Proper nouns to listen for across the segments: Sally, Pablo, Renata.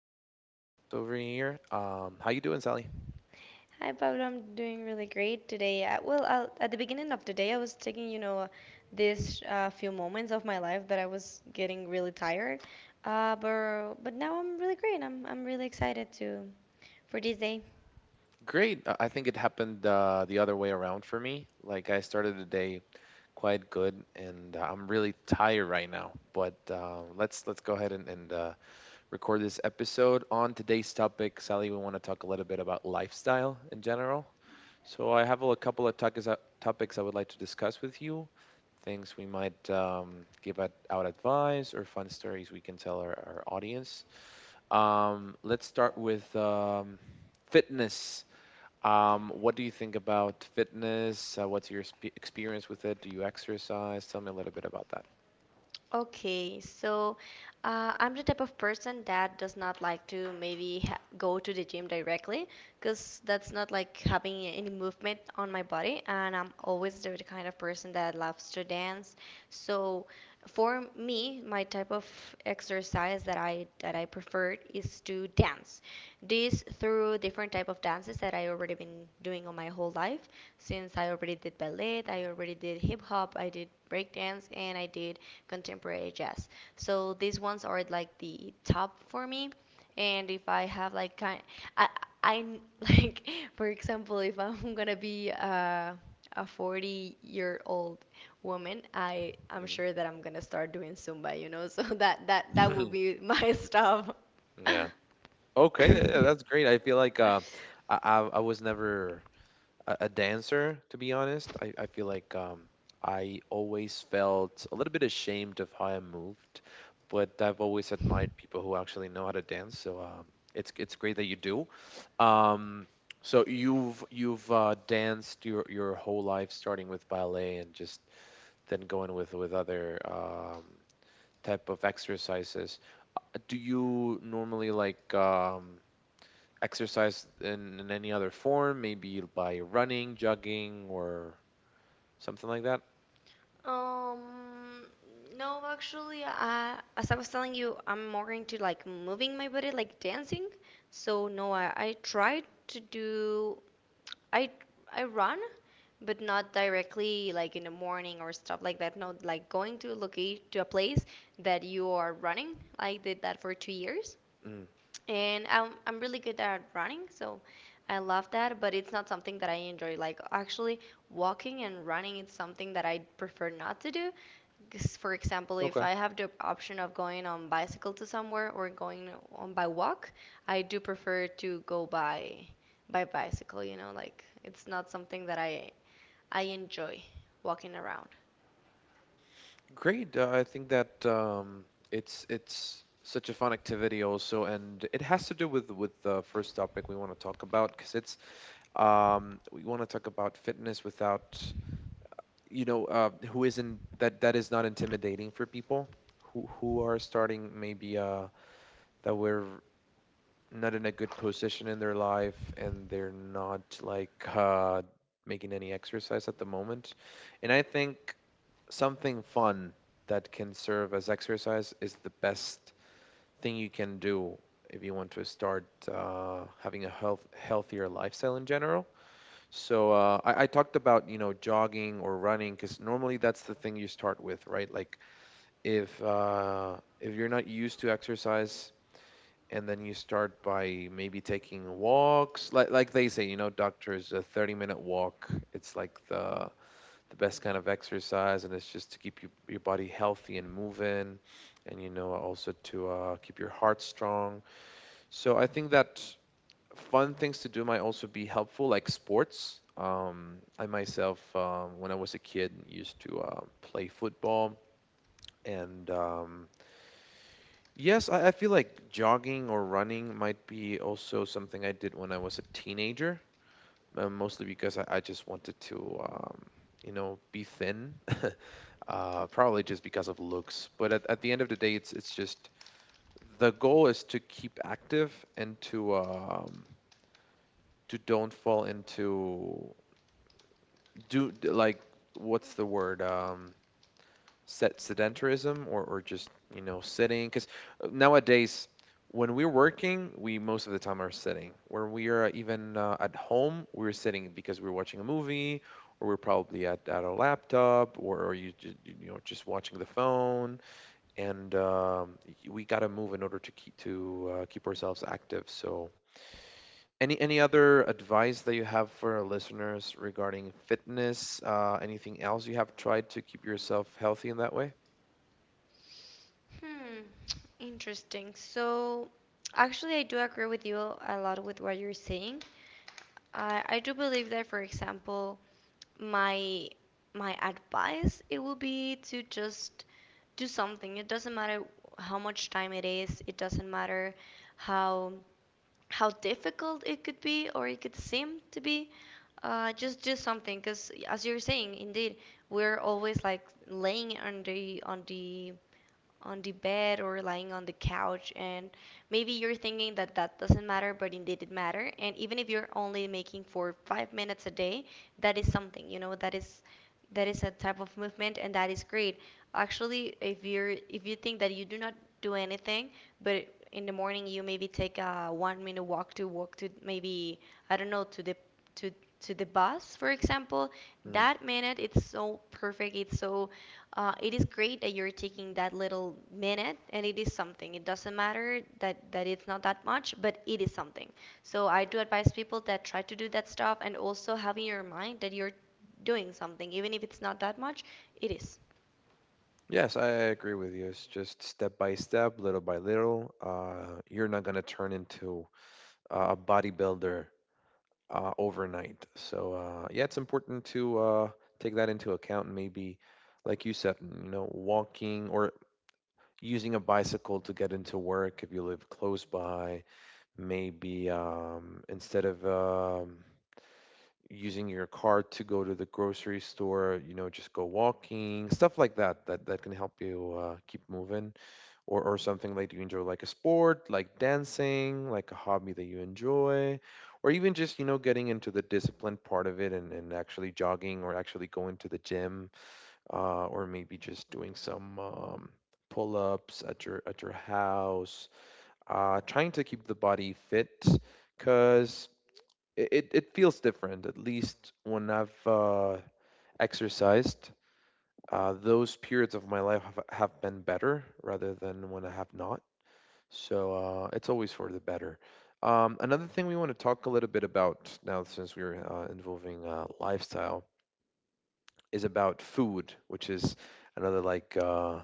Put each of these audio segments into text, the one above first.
my favorite guests over here. How you doing, Sally? Hi Pablo, I'm doing really great today. I, at the beginning of the day, I was taking, you know, this few moments of my life that I was getting really tired. But now I'm really great. I'm really excited to for this day. Great. I think it happened the other way around for me. Like I started the day quite good, and I'm really tired right now. But let's go ahead and record this episode on today's topic. Sally, we want to talk a little bit about lifestyle in general. So I have a couple of topics would like to discuss with you. Things we might give out advice or fun stories we can tell our audience. Let's start with fitness. What do you think about fitness? What's your experience with it? Do you exercise? Tell me a little bit about that. Okay, so I'm the type of person that does not like to maybe ha go to the gym directly because that's not like having any movement on my body, and I'm always the kind of person that loves to dance. So for me, my type of exercise that I prefer is to dance. This through different type of dances that I already been doing all my whole life since I already did ballet, I already did hip hop, I did breakdance, and I did contemporary jazz. So these ones are like the top for me. And if I have like kind, I, I like for example, if I'm gonna be a 40-year-old woman, I'm sure that I'm gonna start doing Zumba, you know. So that would Mhm. be my stuff. Yeah. Okay, yeah, yeah, that's great. I feel like I was never a dancer, to be honest. I feel like I always felt a little bit ashamed of how I moved, but I've always admired people who actually know how to dance. So it's great that you do. Um, so you've danced your whole life, starting with ballet and just then going with other type of exercises. Do you normally like exercise in any other form, maybe by running, jogging, or something like that? Um, no, actually, I, as I was telling you, I'm more into like moving my body, like dancing. So no, I tried to do, I I run, but not directly like in the morning or stuff like that. No, like going to a loca to a place that you are running. I did that for 2 years, Mm, and I'm really good at running, so I love that. But it's not something that I enjoy. Like actually, walking and running, it's something that I prefer not to do. 'Cause, for example, if okay, I have the option of going on bicycle to somewhere or going on by walk, I do prefer to go by bicycle, you know, like it's not something that I enjoy walking around. great. I think that it's such a fun activity also, and it has to do with the first topic we want to talk about because it's we want to talk about fitness without, you know, who isn't that is not intimidating for people who are starting maybe that we're not in a good position in their life and they're not like making any exercise at the moment. And I think something fun that can serve as exercise is the best thing you can do if you want to start having a healthier lifestyle in general. So I talked about, you know, jogging or running because normally that's the thing you start with, right? Like if you're not used to exercise and then you start by maybe taking walks, like they say, you know, doctors, a 30-minute walk, it's like the best kind of exercise, and it's just to keep you, your body, healthy and moving, and you know, also to keep your heart strong. So I think that fun things to do might also be helpful, like sports. I myself, when I was a kid, used to play football. And Yes, I feel like jogging or running might be also something I did when I was a teenager, mostly because I just wanted to, you know, be thin. Probably just because of looks. But at the end of the day, it's just the goal is to keep active and to don't fall into do like, what's the word? Set sedentarism, or just, you know, sitting, because nowadays when we're working, we most of the time are sitting. When we are even at home, we're sitting because we're watching a movie or we're probably at our laptop, or you you know, just watching the phone. And We got to move in order to keep ourselves active. So any other advice that you have for our listeners regarding fitness? Anything else you have tried to keep yourself healthy in that way? Hmm, interesting. So, actually, I do agree with you a lot with what you're saying. I do believe that, for example, my my advice it will be to just do something. It doesn't matter how much time it is. It doesn't matter how difficult it could be or it could seem to be. Just do something, because as you're saying indeed we're always like laying on the on the bed or lying on the couch, and maybe you're thinking that that doesn't matter, but indeed it matter. And even if you're only making for 5 minutes a day, that is something, you know, that is a type of movement, and that is great. Actually, if you're, if you think that you do not do anything, but in the morning you maybe take a 1 minute walk to walk to maybe I don't know to the to to the bus, for example, Hmm. that minute it's so perfect. It's so it is great that you're taking that little minute, and it is something. It doesn't matter that it's not that much, but it is something. So I do advise people that try to do that stuff, and also have in your mind that you're doing something, even if it's not that much. It is. Yes, I agree with you. It's just step by step, little by little. You're not going to turn into a bodybuilder overnight. So yeah, it's important to take that into account and maybe, like you said, you know, walking or using a bicycle to get into work if you live close by. Maybe instead of using your car to go to the grocery store, you know, just go walking, stuff like that. That can help you keep moving, or something like you enjoy, like a sport, like dancing, like a hobby that you enjoy, or even just, you know, getting into the discipline part of it, and actually jogging or actually going to the gym, or maybe just doing some pull-ups at your house, trying to keep the body fit, because it feels different, at least when I've exercised. Those periods of my life have been better rather than when I have not. So it's always for the better. Another thing we want to talk a little bit about now, since we're involving lifestyle, is about food, which is another like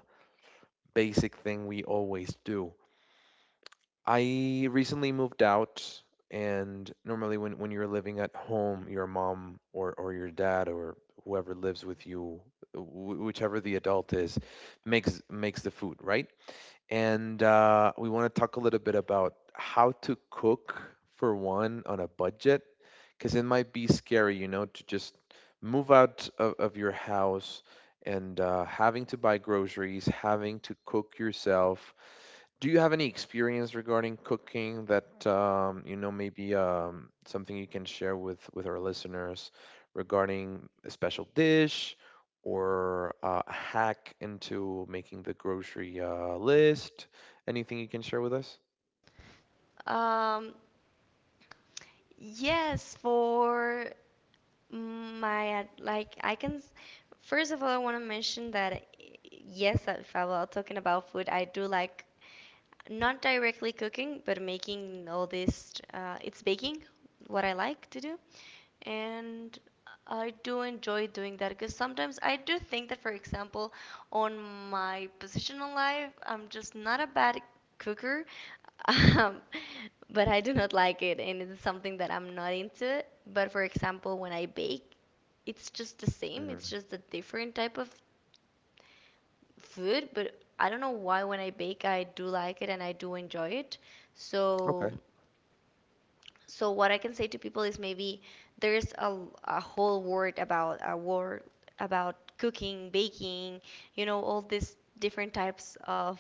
basic thing we always do. I recently moved out, and normally when you're living at home, your mom, or your dad, or whoever lives with you, whichever the adult is, makes the food, right? And we want to talk a little bit about how to cook for one on a budget, because it might be scary, you know, to just move out of your house, and having to buy groceries, having to cook yourself. Do you have any experience regarding cooking that you know, maybe something you can share with our listeners, regarding a special dish or a hack into making the grocery list? Anything you can share with us? Um, yes, for my like I can. First of all, I want to mention that yes, if I was talking about food, I do like not directly cooking, but making all this. It's baking, what I like to do, and I do enjoy doing that because sometimes I do think that, for example, on my positional life, I'm just not a bad cooker, um, but I do not like it, and it's something that I'm not into. But for example, when I bake, it's just the same. Mm, It's just a different type of food, but I don't know why when I bake I do like it and I do enjoy it. okay. So so what I can say to people is maybe there's a whole word about a word about cooking, baking, you know, all these different types of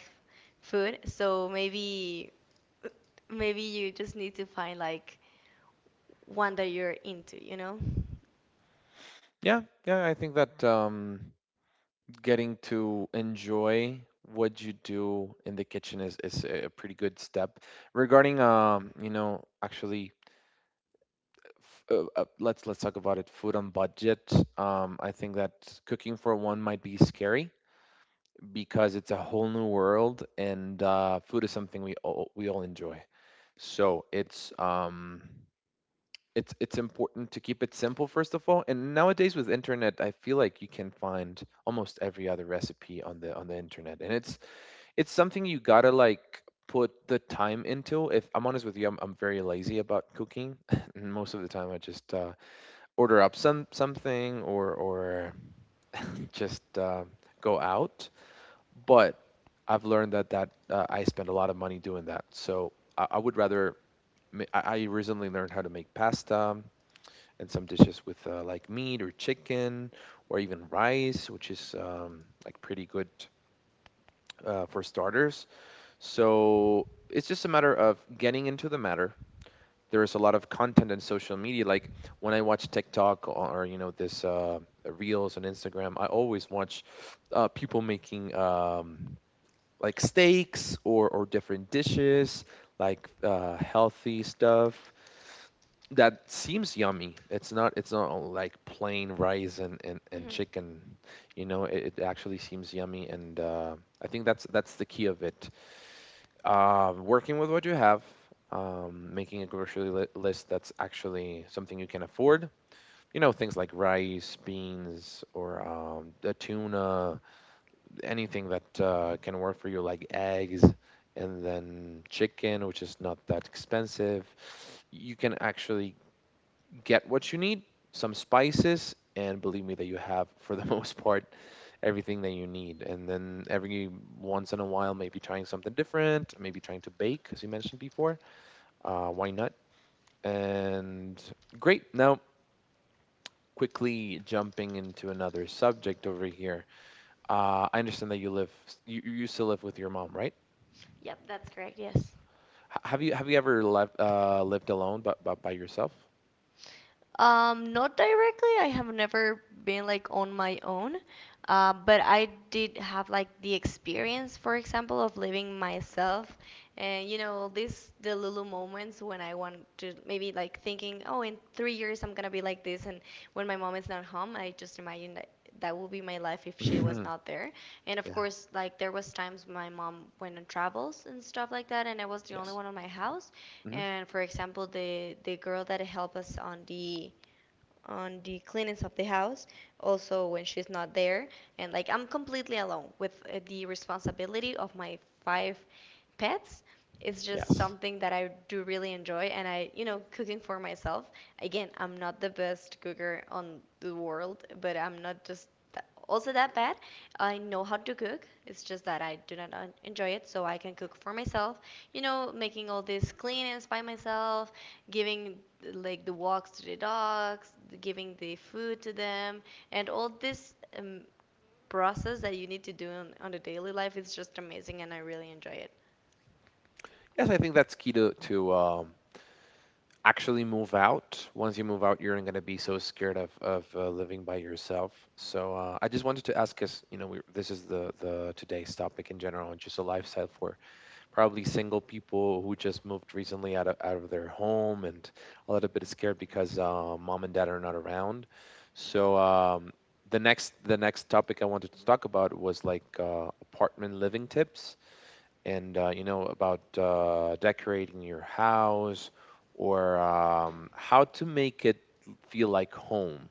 food. So maybe you just need to find like one that you're into, you know? Yeah, yeah. I think that getting to enjoy what you do in the kitchen is a pretty good step. Regarding you know, actually let's talk about it. Food on budget. I think that cooking for one might be scary because it's a whole new world, and food is something we all enjoy. So it's important to keep it simple first of all. And nowadays with internet, I feel like you can find almost every other recipe on the internet, and it's something you gotta, like, put the time into. If I'm honest with you, I'm very lazy about cooking. And most of the time, I just order up something or just go out. But I've learned that I spend a lot of money doing that. So I would rather. I recently learned how to make pasta and some dishes with like meat or chicken or even rice, which is like pretty good for starters. So it's just a matter of getting into the matter. There is a lot of content on social media. Like when I watch TikTok or, you know, this reels on Instagram, I always watch people making like steaks or different dishes, like healthy stuff that seems yummy. It's not all like plain rice and and Hmm. chicken. You know, it actually seems yummy, and I think that's the key of it. Working with what you have, making a grocery list that's actually something you can afford. You know, things like rice, beans, or the tuna, anything that can work for you, like eggs, and then chicken, which is not that expensive. You can actually get what you need, some spices, and believe me that you have, for the most part, everything that you need. And then every once in a while, maybe trying something different, maybe trying to bake, as you mentioned before. Why not? And great. Now, quickly jumping into another subject over here. I understand that you live, you used to live with your mom, right? Yep, that's correct. Yes. Have you ever left lived alone, but by yourself? Not directly. I have never been like on my own, but I did have like the experience, for example, of living myself, and you know, this the little moments when I want to maybe like thinking, oh, in 3 years I'm gonna be like this, and when my mom is not home, I just imagine that that will be my life if she was not there. And of Yeah. course, like there was times my mom went on travels and stuff like that, and I was the only Yes. one on my house. Hmm. And for example, the girl that helped us on the cleanings of the house, also when she's not there. And like I'm completely alone with the responsibility of my five pets. It's just Yes. something that I do really enjoy, and I, you know, cooking for myself. Again, I'm not the best cooker on the world, but I'm not just tha- also that bad. I know how to cook. It's just that I do not en- enjoy it, so I can cook for myself. You know, making all these cleanings by myself, giving like the walks to the dogs, giving the food to them, and all this process that you need to do on the daily life is just amazing, and I really enjoy it. Yes, I think that's key to actually move out. Once you move out, you're not going to be so scared of living by yourself. So I just wanted to ask, cause you know, we, this is the today's topic in general, and just a lifestyle for probably single people who just moved recently out of their home, and a little bit scared because mom and dad are not around. So the next topic I wanted to talk about was like apartment living tips, and you know, about decorating your house, or how to make it feel like home.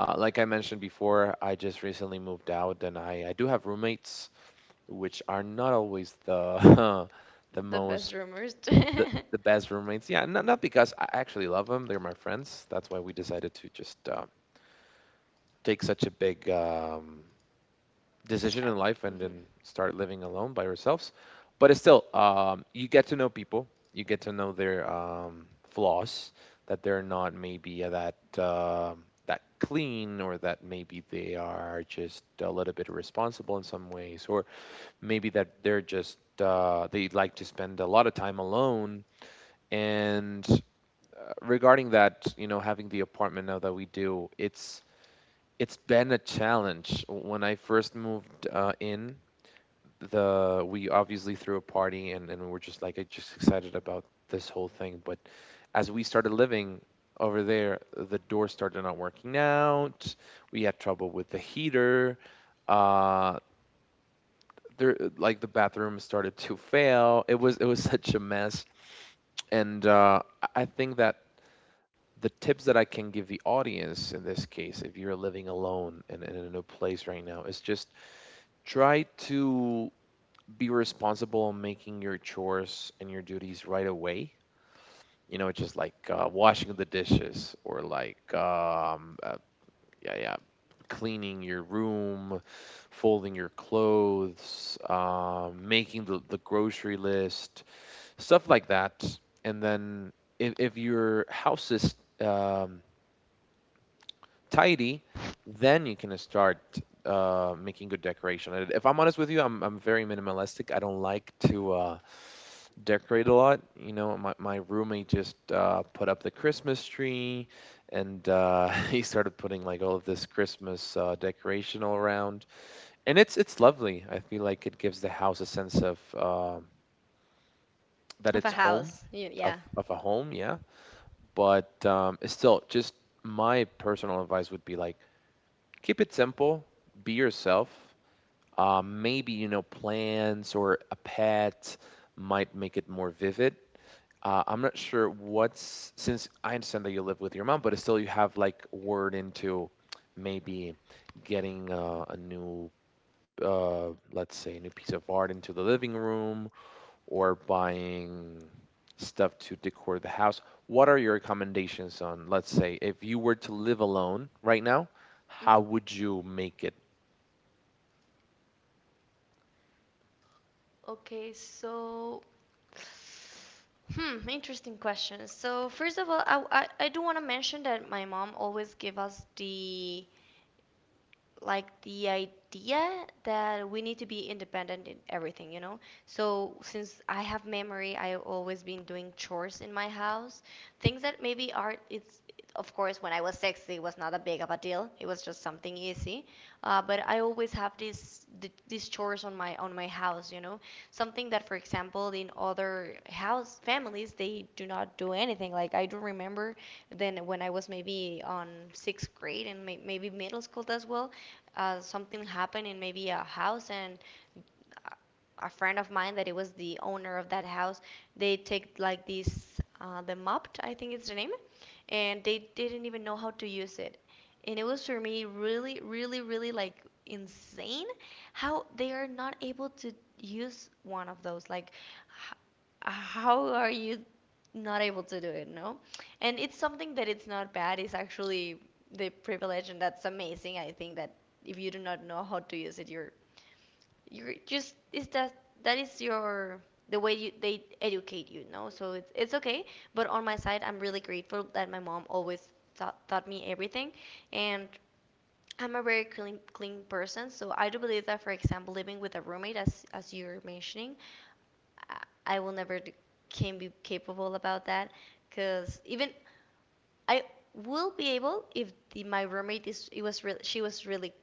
Like I mentioned before, I just recently moved out, and I do have roommates, which are not always the the The best most rumors. The best roommates. Yeah, not because I actually love them; they're my friends. That's why we decided to just take such a big decision in Step. life and Hmm. then start living alone by yourselves. But it's still, you get to know people, you get to know their flaws, that they're not maybe that that clean, or that maybe they are just a little bit irresponsible in some ways, or maybe that they're just they like to spend a lot of time alone. And regarding that, you know, having the apartment now that we do, it's been a challenge. When I first moved in, the we obviously threw a party, and we're just like just excited about this whole thing, but as we started living over there, the door started not working out. We had trouble with the heater, uh there, like, the bathroom started to fail. It was it was such a mess. And I think that the tips that I can give the audience in this case, if you're living alone and in a place right now, is just try to be responsible in making your chores and your duties right away. You know, just like washing the dishes, or like yeah, yeah, cleaning your room, folding your clothes, making the grocery list, stuff like that. And then if your house is um, tidy, then you can start making good decoration. And if I'm honest with you, I'm very minimalistic. I don't like to. Decorate a lot. You know, my roommate just put up the Christmas tree, and he started putting like all of this Christmas decoration all around. And it's lovely. I feel like it gives the house a sense of that Of a it's home, house. Y- of, Yeah. of a home, yeah. But it's still, just my personal advice would be like keep it simple, be yourself. Maybe, you know, plants or a pet might make it more vivid. I'm not sure what's, since I understand that you live with your mom, but still you have like word into maybe getting a new, let's say, a new piece of art into the living room, or buying stuff to decor the house. What are your recommendations on, let's say, if you were to live alone right now, Hmm. how would you make it? Okay, so hmm, interesting question. So first of all, I do want to mention that my mom always give us the like the idea that we need to be independent in everything, you know? So since I have memory, I've always been doing chores in my house, things that maybe are it's of course when I was six, it was not a big of a deal. It was just something easy. But I always have this th- these chores on my house, you know? Something that for example in other house families they do not do anything. Like I do remember then when I was maybe on sixth grade and may- maybe middle school as well, something happened in maybe a house and a friend of mine that it was the owner of that house they take like this the mopped I think it's the name and they didn't even know how to use it and it was for me really really really like insane how they are not able to use one of those like h- how are you not able to do it, no? And it's something that it's not bad, it's actually the privilege and that's amazing. I think that if you do not know how to use it, you're just is that that is your the way you they educate you, no? So it's okay. But on my side I'm really grateful that my mom always taught me everything and I'm a very clean person, so I do believe that, for example, living with a roommate, as you're mentioning, I, will never d- can be capable about that because even I will be able if the, my roommate is it was really she was really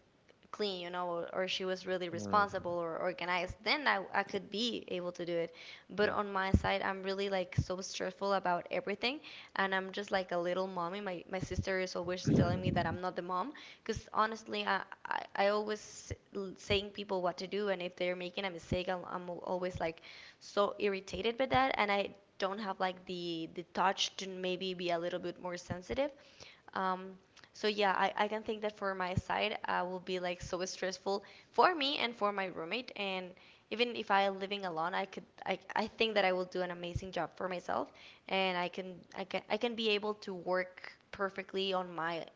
clean you know or she was really Mm, responsible or organized then I could be able to do it but on my side I'm really like so stressful about everything and I'm just like a little mommy my, my sister is always telling me mm. that I'm not the mom because honestly I always s- l- saying people what to do and if they're making a mistake I'm al- always like so irritated by that and I don't have like the touch to maybe be a little bit more sensitive. Um, so yeah, I can think that for my side, I will be like so stressful for me and for my roommate. And even if I living alone, I think that I will do an amazing job for myself, and I can be able to work perfectly on my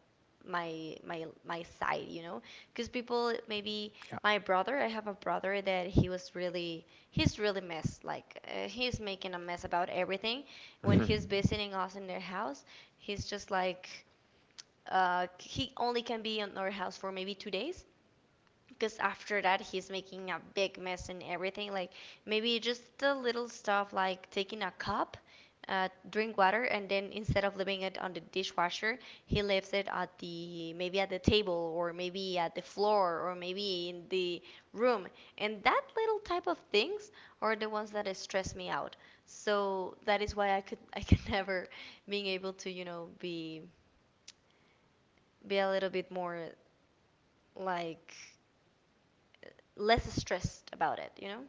my my my side, you know, because people maybe my brother I have a brother that he's really messed like, he's making a mess about everything when Mhm. he's visiting us in their house. He's just like, he only can be in our house for maybe 2 days, because after that he's making a big mess and everything. Like maybe just the little stuff like taking a cup, drink water, and then instead of leaving it on the dishwasher, he leaves it at the, maybe at the table, or maybe at the floor, or maybe in the room. And that little type of things are the ones that stress me out. So that is why I can never being able to, you know, be a little bit more like less stressed about it, you know?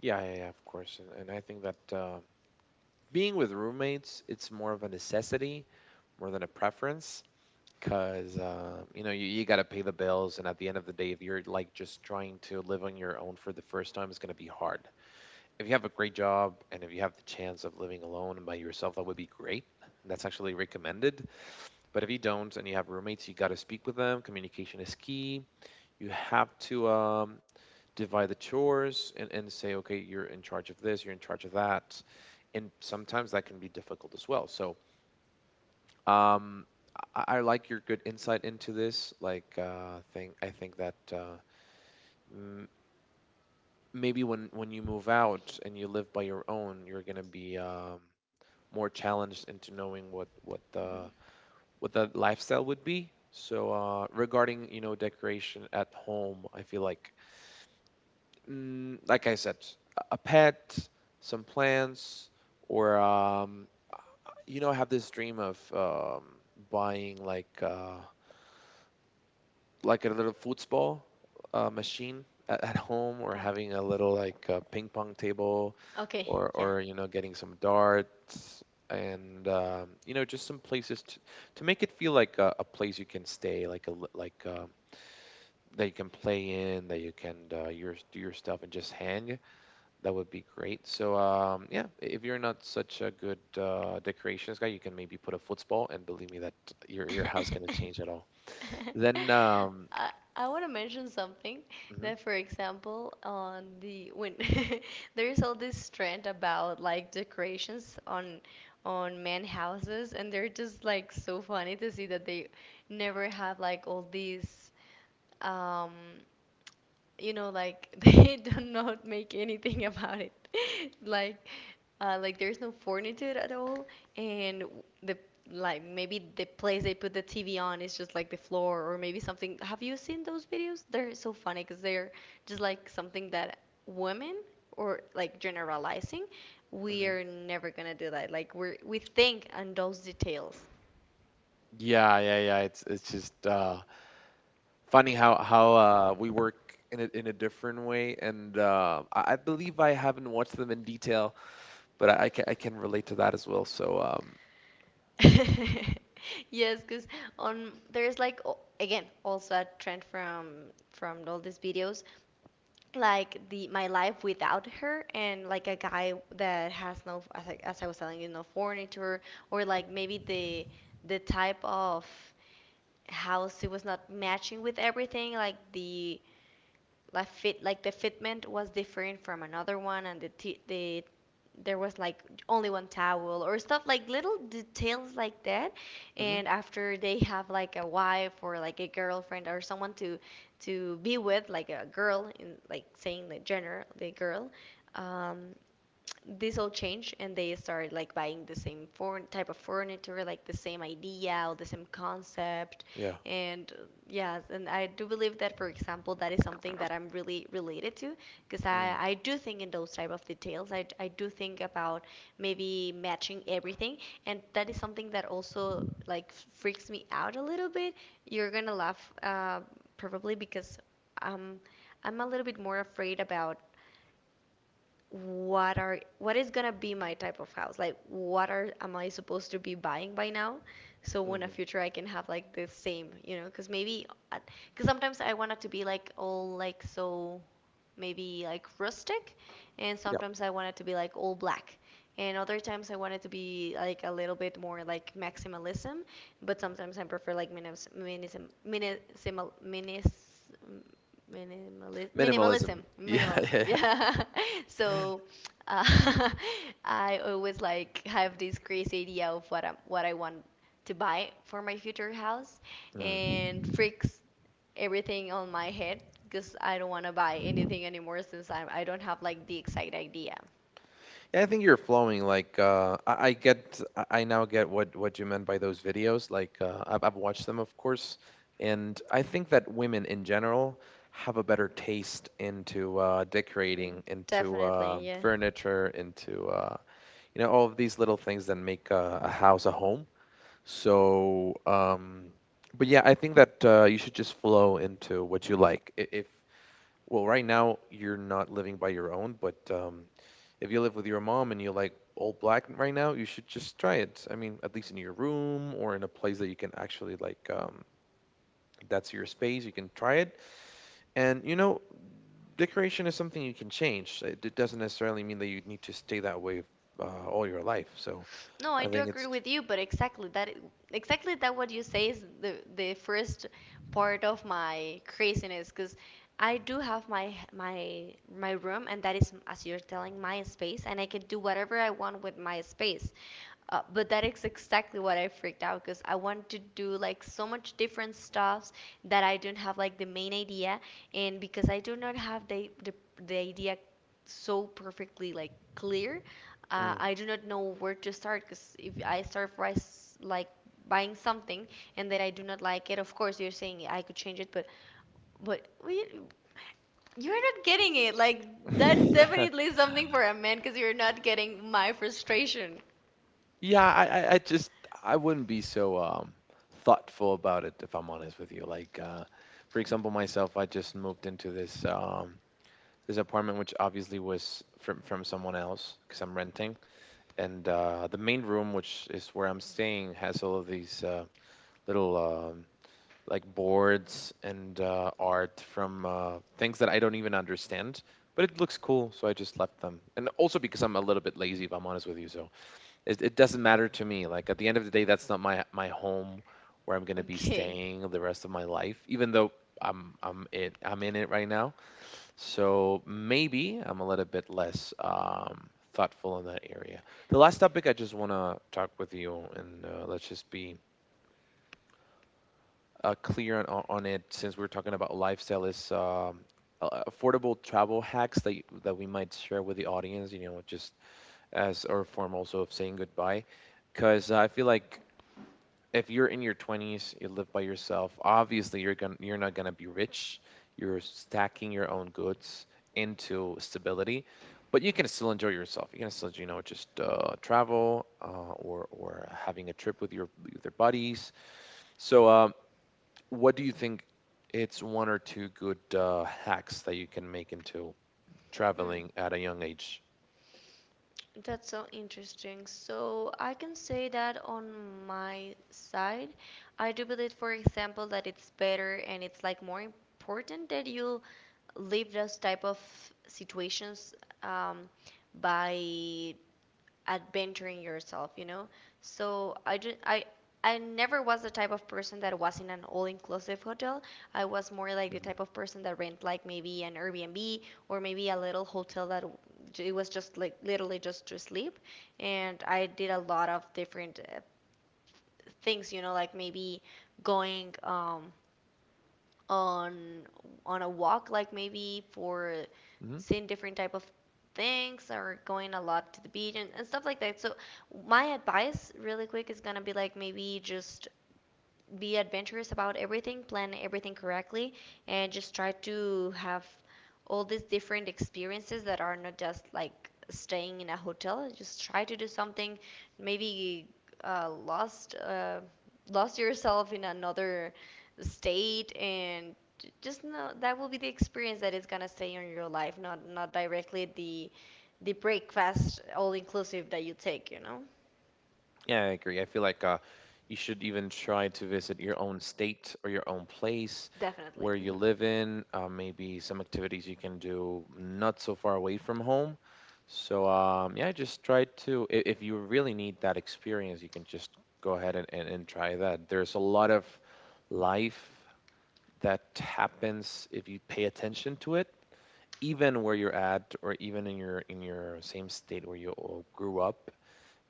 Yeah, yeah, yeah, of course. And I think that being with roommates, it's more of a necessity more than a preference, because you know, you got to pay the bills, and at the end of the day, if you're like just trying to live on your own for the first time, it's going to be hard. If you have a great job and if you have the chance of living alone and by yourself, that would be great, and that's actually recommended. But if you don't and you have roommates, you got to speak with them. Communication is key. You have to divide the chores, and say, okay, you're in charge of this, you're in charge of that. And sometimes that can be difficult as well. So um, I like your good insight into this. Like, think I think that m- maybe when you move out and you live by your own, you're gonna be more challenged into knowing what Mhm. the what the lifestyle would be. So regarding, you know, decoration at home, I feel like, mm, like I said, a pet, some plants, or you know, I have this dream of buying like a little football machine at home, or Ah, having a little, like, ping pong table, okay, or yeah. You know, getting some darts. And you know, just some places to make it feel like a place you can stay, like that you can play in, that you can your do your stuff and just hang. That would be great. So, yeah, if you're not such a good decorations guy, you can maybe put a football, and believe me, that your house gonna change at all. Then, I want to mention something hmm that, for example, on the when there is all this trend about like decorations on man houses, and they're just like so funny to see that they never have like all these, um, you know, like they do not make anything about it. Like, like there's no furniture at all, and the like maybe the place they put the TV on is just like the floor or maybe something. Have you seen those videos? They're so funny because they're just like something that women, or like generalizing, we hmm are never gonna do that. Like we're we think on those details. yeah, yeah, yeah. It's just funny how we work in a different way, and I believe I haven't watched them in detail, but I can relate to that as well. So, Yes, because on there's like o- again, also a trend from all these videos, like the my life without her, and like a guy that has no, as I, as I was telling you, no furniture, or like maybe the type of house, it was not matching with everything. Like the like fit, like the fitment was different from another one, and the the there was like only one towel, or stuff like little details like that. mhm. And after they have like a wife, or like a girlfriend, or someone to be with, like a girl, in like saying the gender, the girl, um this all changed, and they started like buying the same form type of furniture, like the same idea or the same concept. Yeah. And yes, and I do believe that, for example, that is something that I'm really related to, because Mm, I do think in those type of details. I do think about maybe matching everything, and that is something that also like freaks me out a little bit. You're gonna laugh, probably, because, um, I'm a little bit more afraid about what are what is gonna be my type of house. Like what are am I supposed to be buying by now, so when a mhm. future I can have like the same, you know? Because maybe, because sometimes I want it to be like all, like so maybe like rustic, and Yeah. sometimes I want it to be like all black, and other times I want it to be like a little bit more like maximalism. But sometimes I prefer like minis- minism, minisimal, minis, minimalism, minimalism, Minimalism. Yeah, minimalism. yeah, Yeah. So, uh, I always like have this crazy idea of what I want to buy for my future house, yeah. and freaks everything on my head because I don't want to buy anything anymore, since I don't have like the exact idea. Yeah, I think you're flowing. Like, I now get what you meant by those videos. Like, I've watched them, of course, and I think that women in general have a better taste into decorating, into Definitely, yeah. furniture, into you know, all of these little things that make a house a home. So, but yeah, I think that you should just flow into what you like. I- If well, right now you're not living by your own, but if you live with your mom and you like old black right now, you should just try it. I mean, at least in your room or in a place that you can actually like that's your space. You can try it, and, you know, decoration is something you can change. It doesn't necessarily mean that you need to stay that way all your life. So No, I I do think agree it's. with you, but exactly that, exactly that what you say is the first part of my craziness, because I do have my my room, and that is, as you're telling, my space, and I can do whatever I want with my space. But that is exactly what I freaked out, because I want to do like so much different stuffs that I don't have like the main idea. And because I do not have the idea so perfectly like clear, Mm. I do not know where to start, because if I start rice like buying something, and then I do not like it, of course, you're saying I could change it, but but we, you're not getting it. Like that definitely is something for a man, because you're not getting my frustration. Yeah, I just I wouldn't be so thoughtful about it, if I'm honest with you. Like, for example, myself, I just moved into this this apartment, which obviously was from someone else, because I'm renting. And the main room, which is where I'm staying, has all of these little like boards and art from things that I don't even understand, but it looks cool, so I just left them. And also because I'm a little bit lazy, if I'm honest with you. So it doesn't matter to me. Like at the end of the day, that's not my home where I'm gonna be Okay. staying the rest of my life. Even though I'm in it right now, so maybe I'm a little bit less thoughtful in that area. The last topic I just wanna talk with you, and let's just be clear on, on it, since we're talking about lifestyle, is affordable travel hacks that we might share with the audience. You know, just as our form also of saying goodbye, because I feel like if you're in your 20s, you live by yourself, obviously you're going to you're not going to be rich. You're stacking your own goods into stability, but you can still enjoy yourself. You can still, you know, just travel or having a trip with your buddies. So, what do you think? It's one or two good hacks that you can make into Hmm. traveling at a young age. That's so interesting. So I can say that on my side, I do believe, for example, that it's better and it's like more important that you leave those type of situations, um, by adventuring yourself, you know? So I just, I never was the type of person that was in an all-inclusive hotel. I was more like the Mhm. type of person that rent like maybe an Airbnb, or maybe a little hotel that it was just like literally just to sleep. And I did a lot of different, things, you know, like maybe going, on on a walk, like maybe for Mhm. seeing different type of things, or going a lot to the beach and stuff like that. So my advice really quick is gonna be like, maybe just be adventurous about everything, plan everything correctly, and just try to have all these different experiences that are not just like staying in a hotel. Just try to do something, maybe, uh, lost uh, lost yourself in another state, and just know that will be the experience that is gonna stay in your life, not not directly the breakfast all inclusive that you take. You know, Yeah, I agree. I feel like you should even try to visit your own state or your own place definitely. where you Mhm. live in. Maybe some activities you can do not so far away from home. So, yeah, just try to. If you really need that experience, you can just go ahead and try that. There's a lot of life that happens if you pay attention to it, even where you're at, or even in your same state where you all grew up.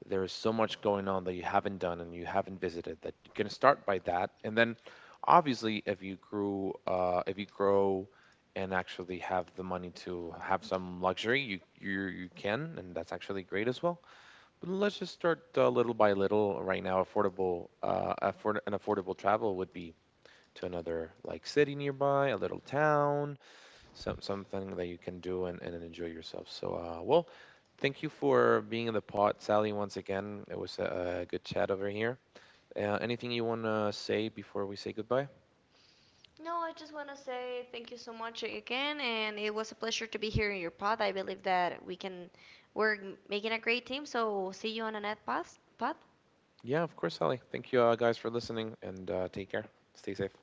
There is so much going on that you haven't done and you haven't visited, that you can start by that. And then, obviously, if you grew if you grow and actually have the money to have some luxury, you can, and that's actually great as well. But let's just start little by little right now. Affordable An affordable travel would be to another, like, city nearby, a little town, something that you can do and enjoy yourself. So, well, thank you for being in the pod, Sally. Once again, it was a good chat over here. Anything you want to say before we say goodbye? No, I just want to say thank you so much again, and it was a pleasure to be here in your pod. I believe that we're making a great team, so see you on the next pod. Yeah, of course, Sally. Thank you, guys, for listening, and, take care. Stay safe.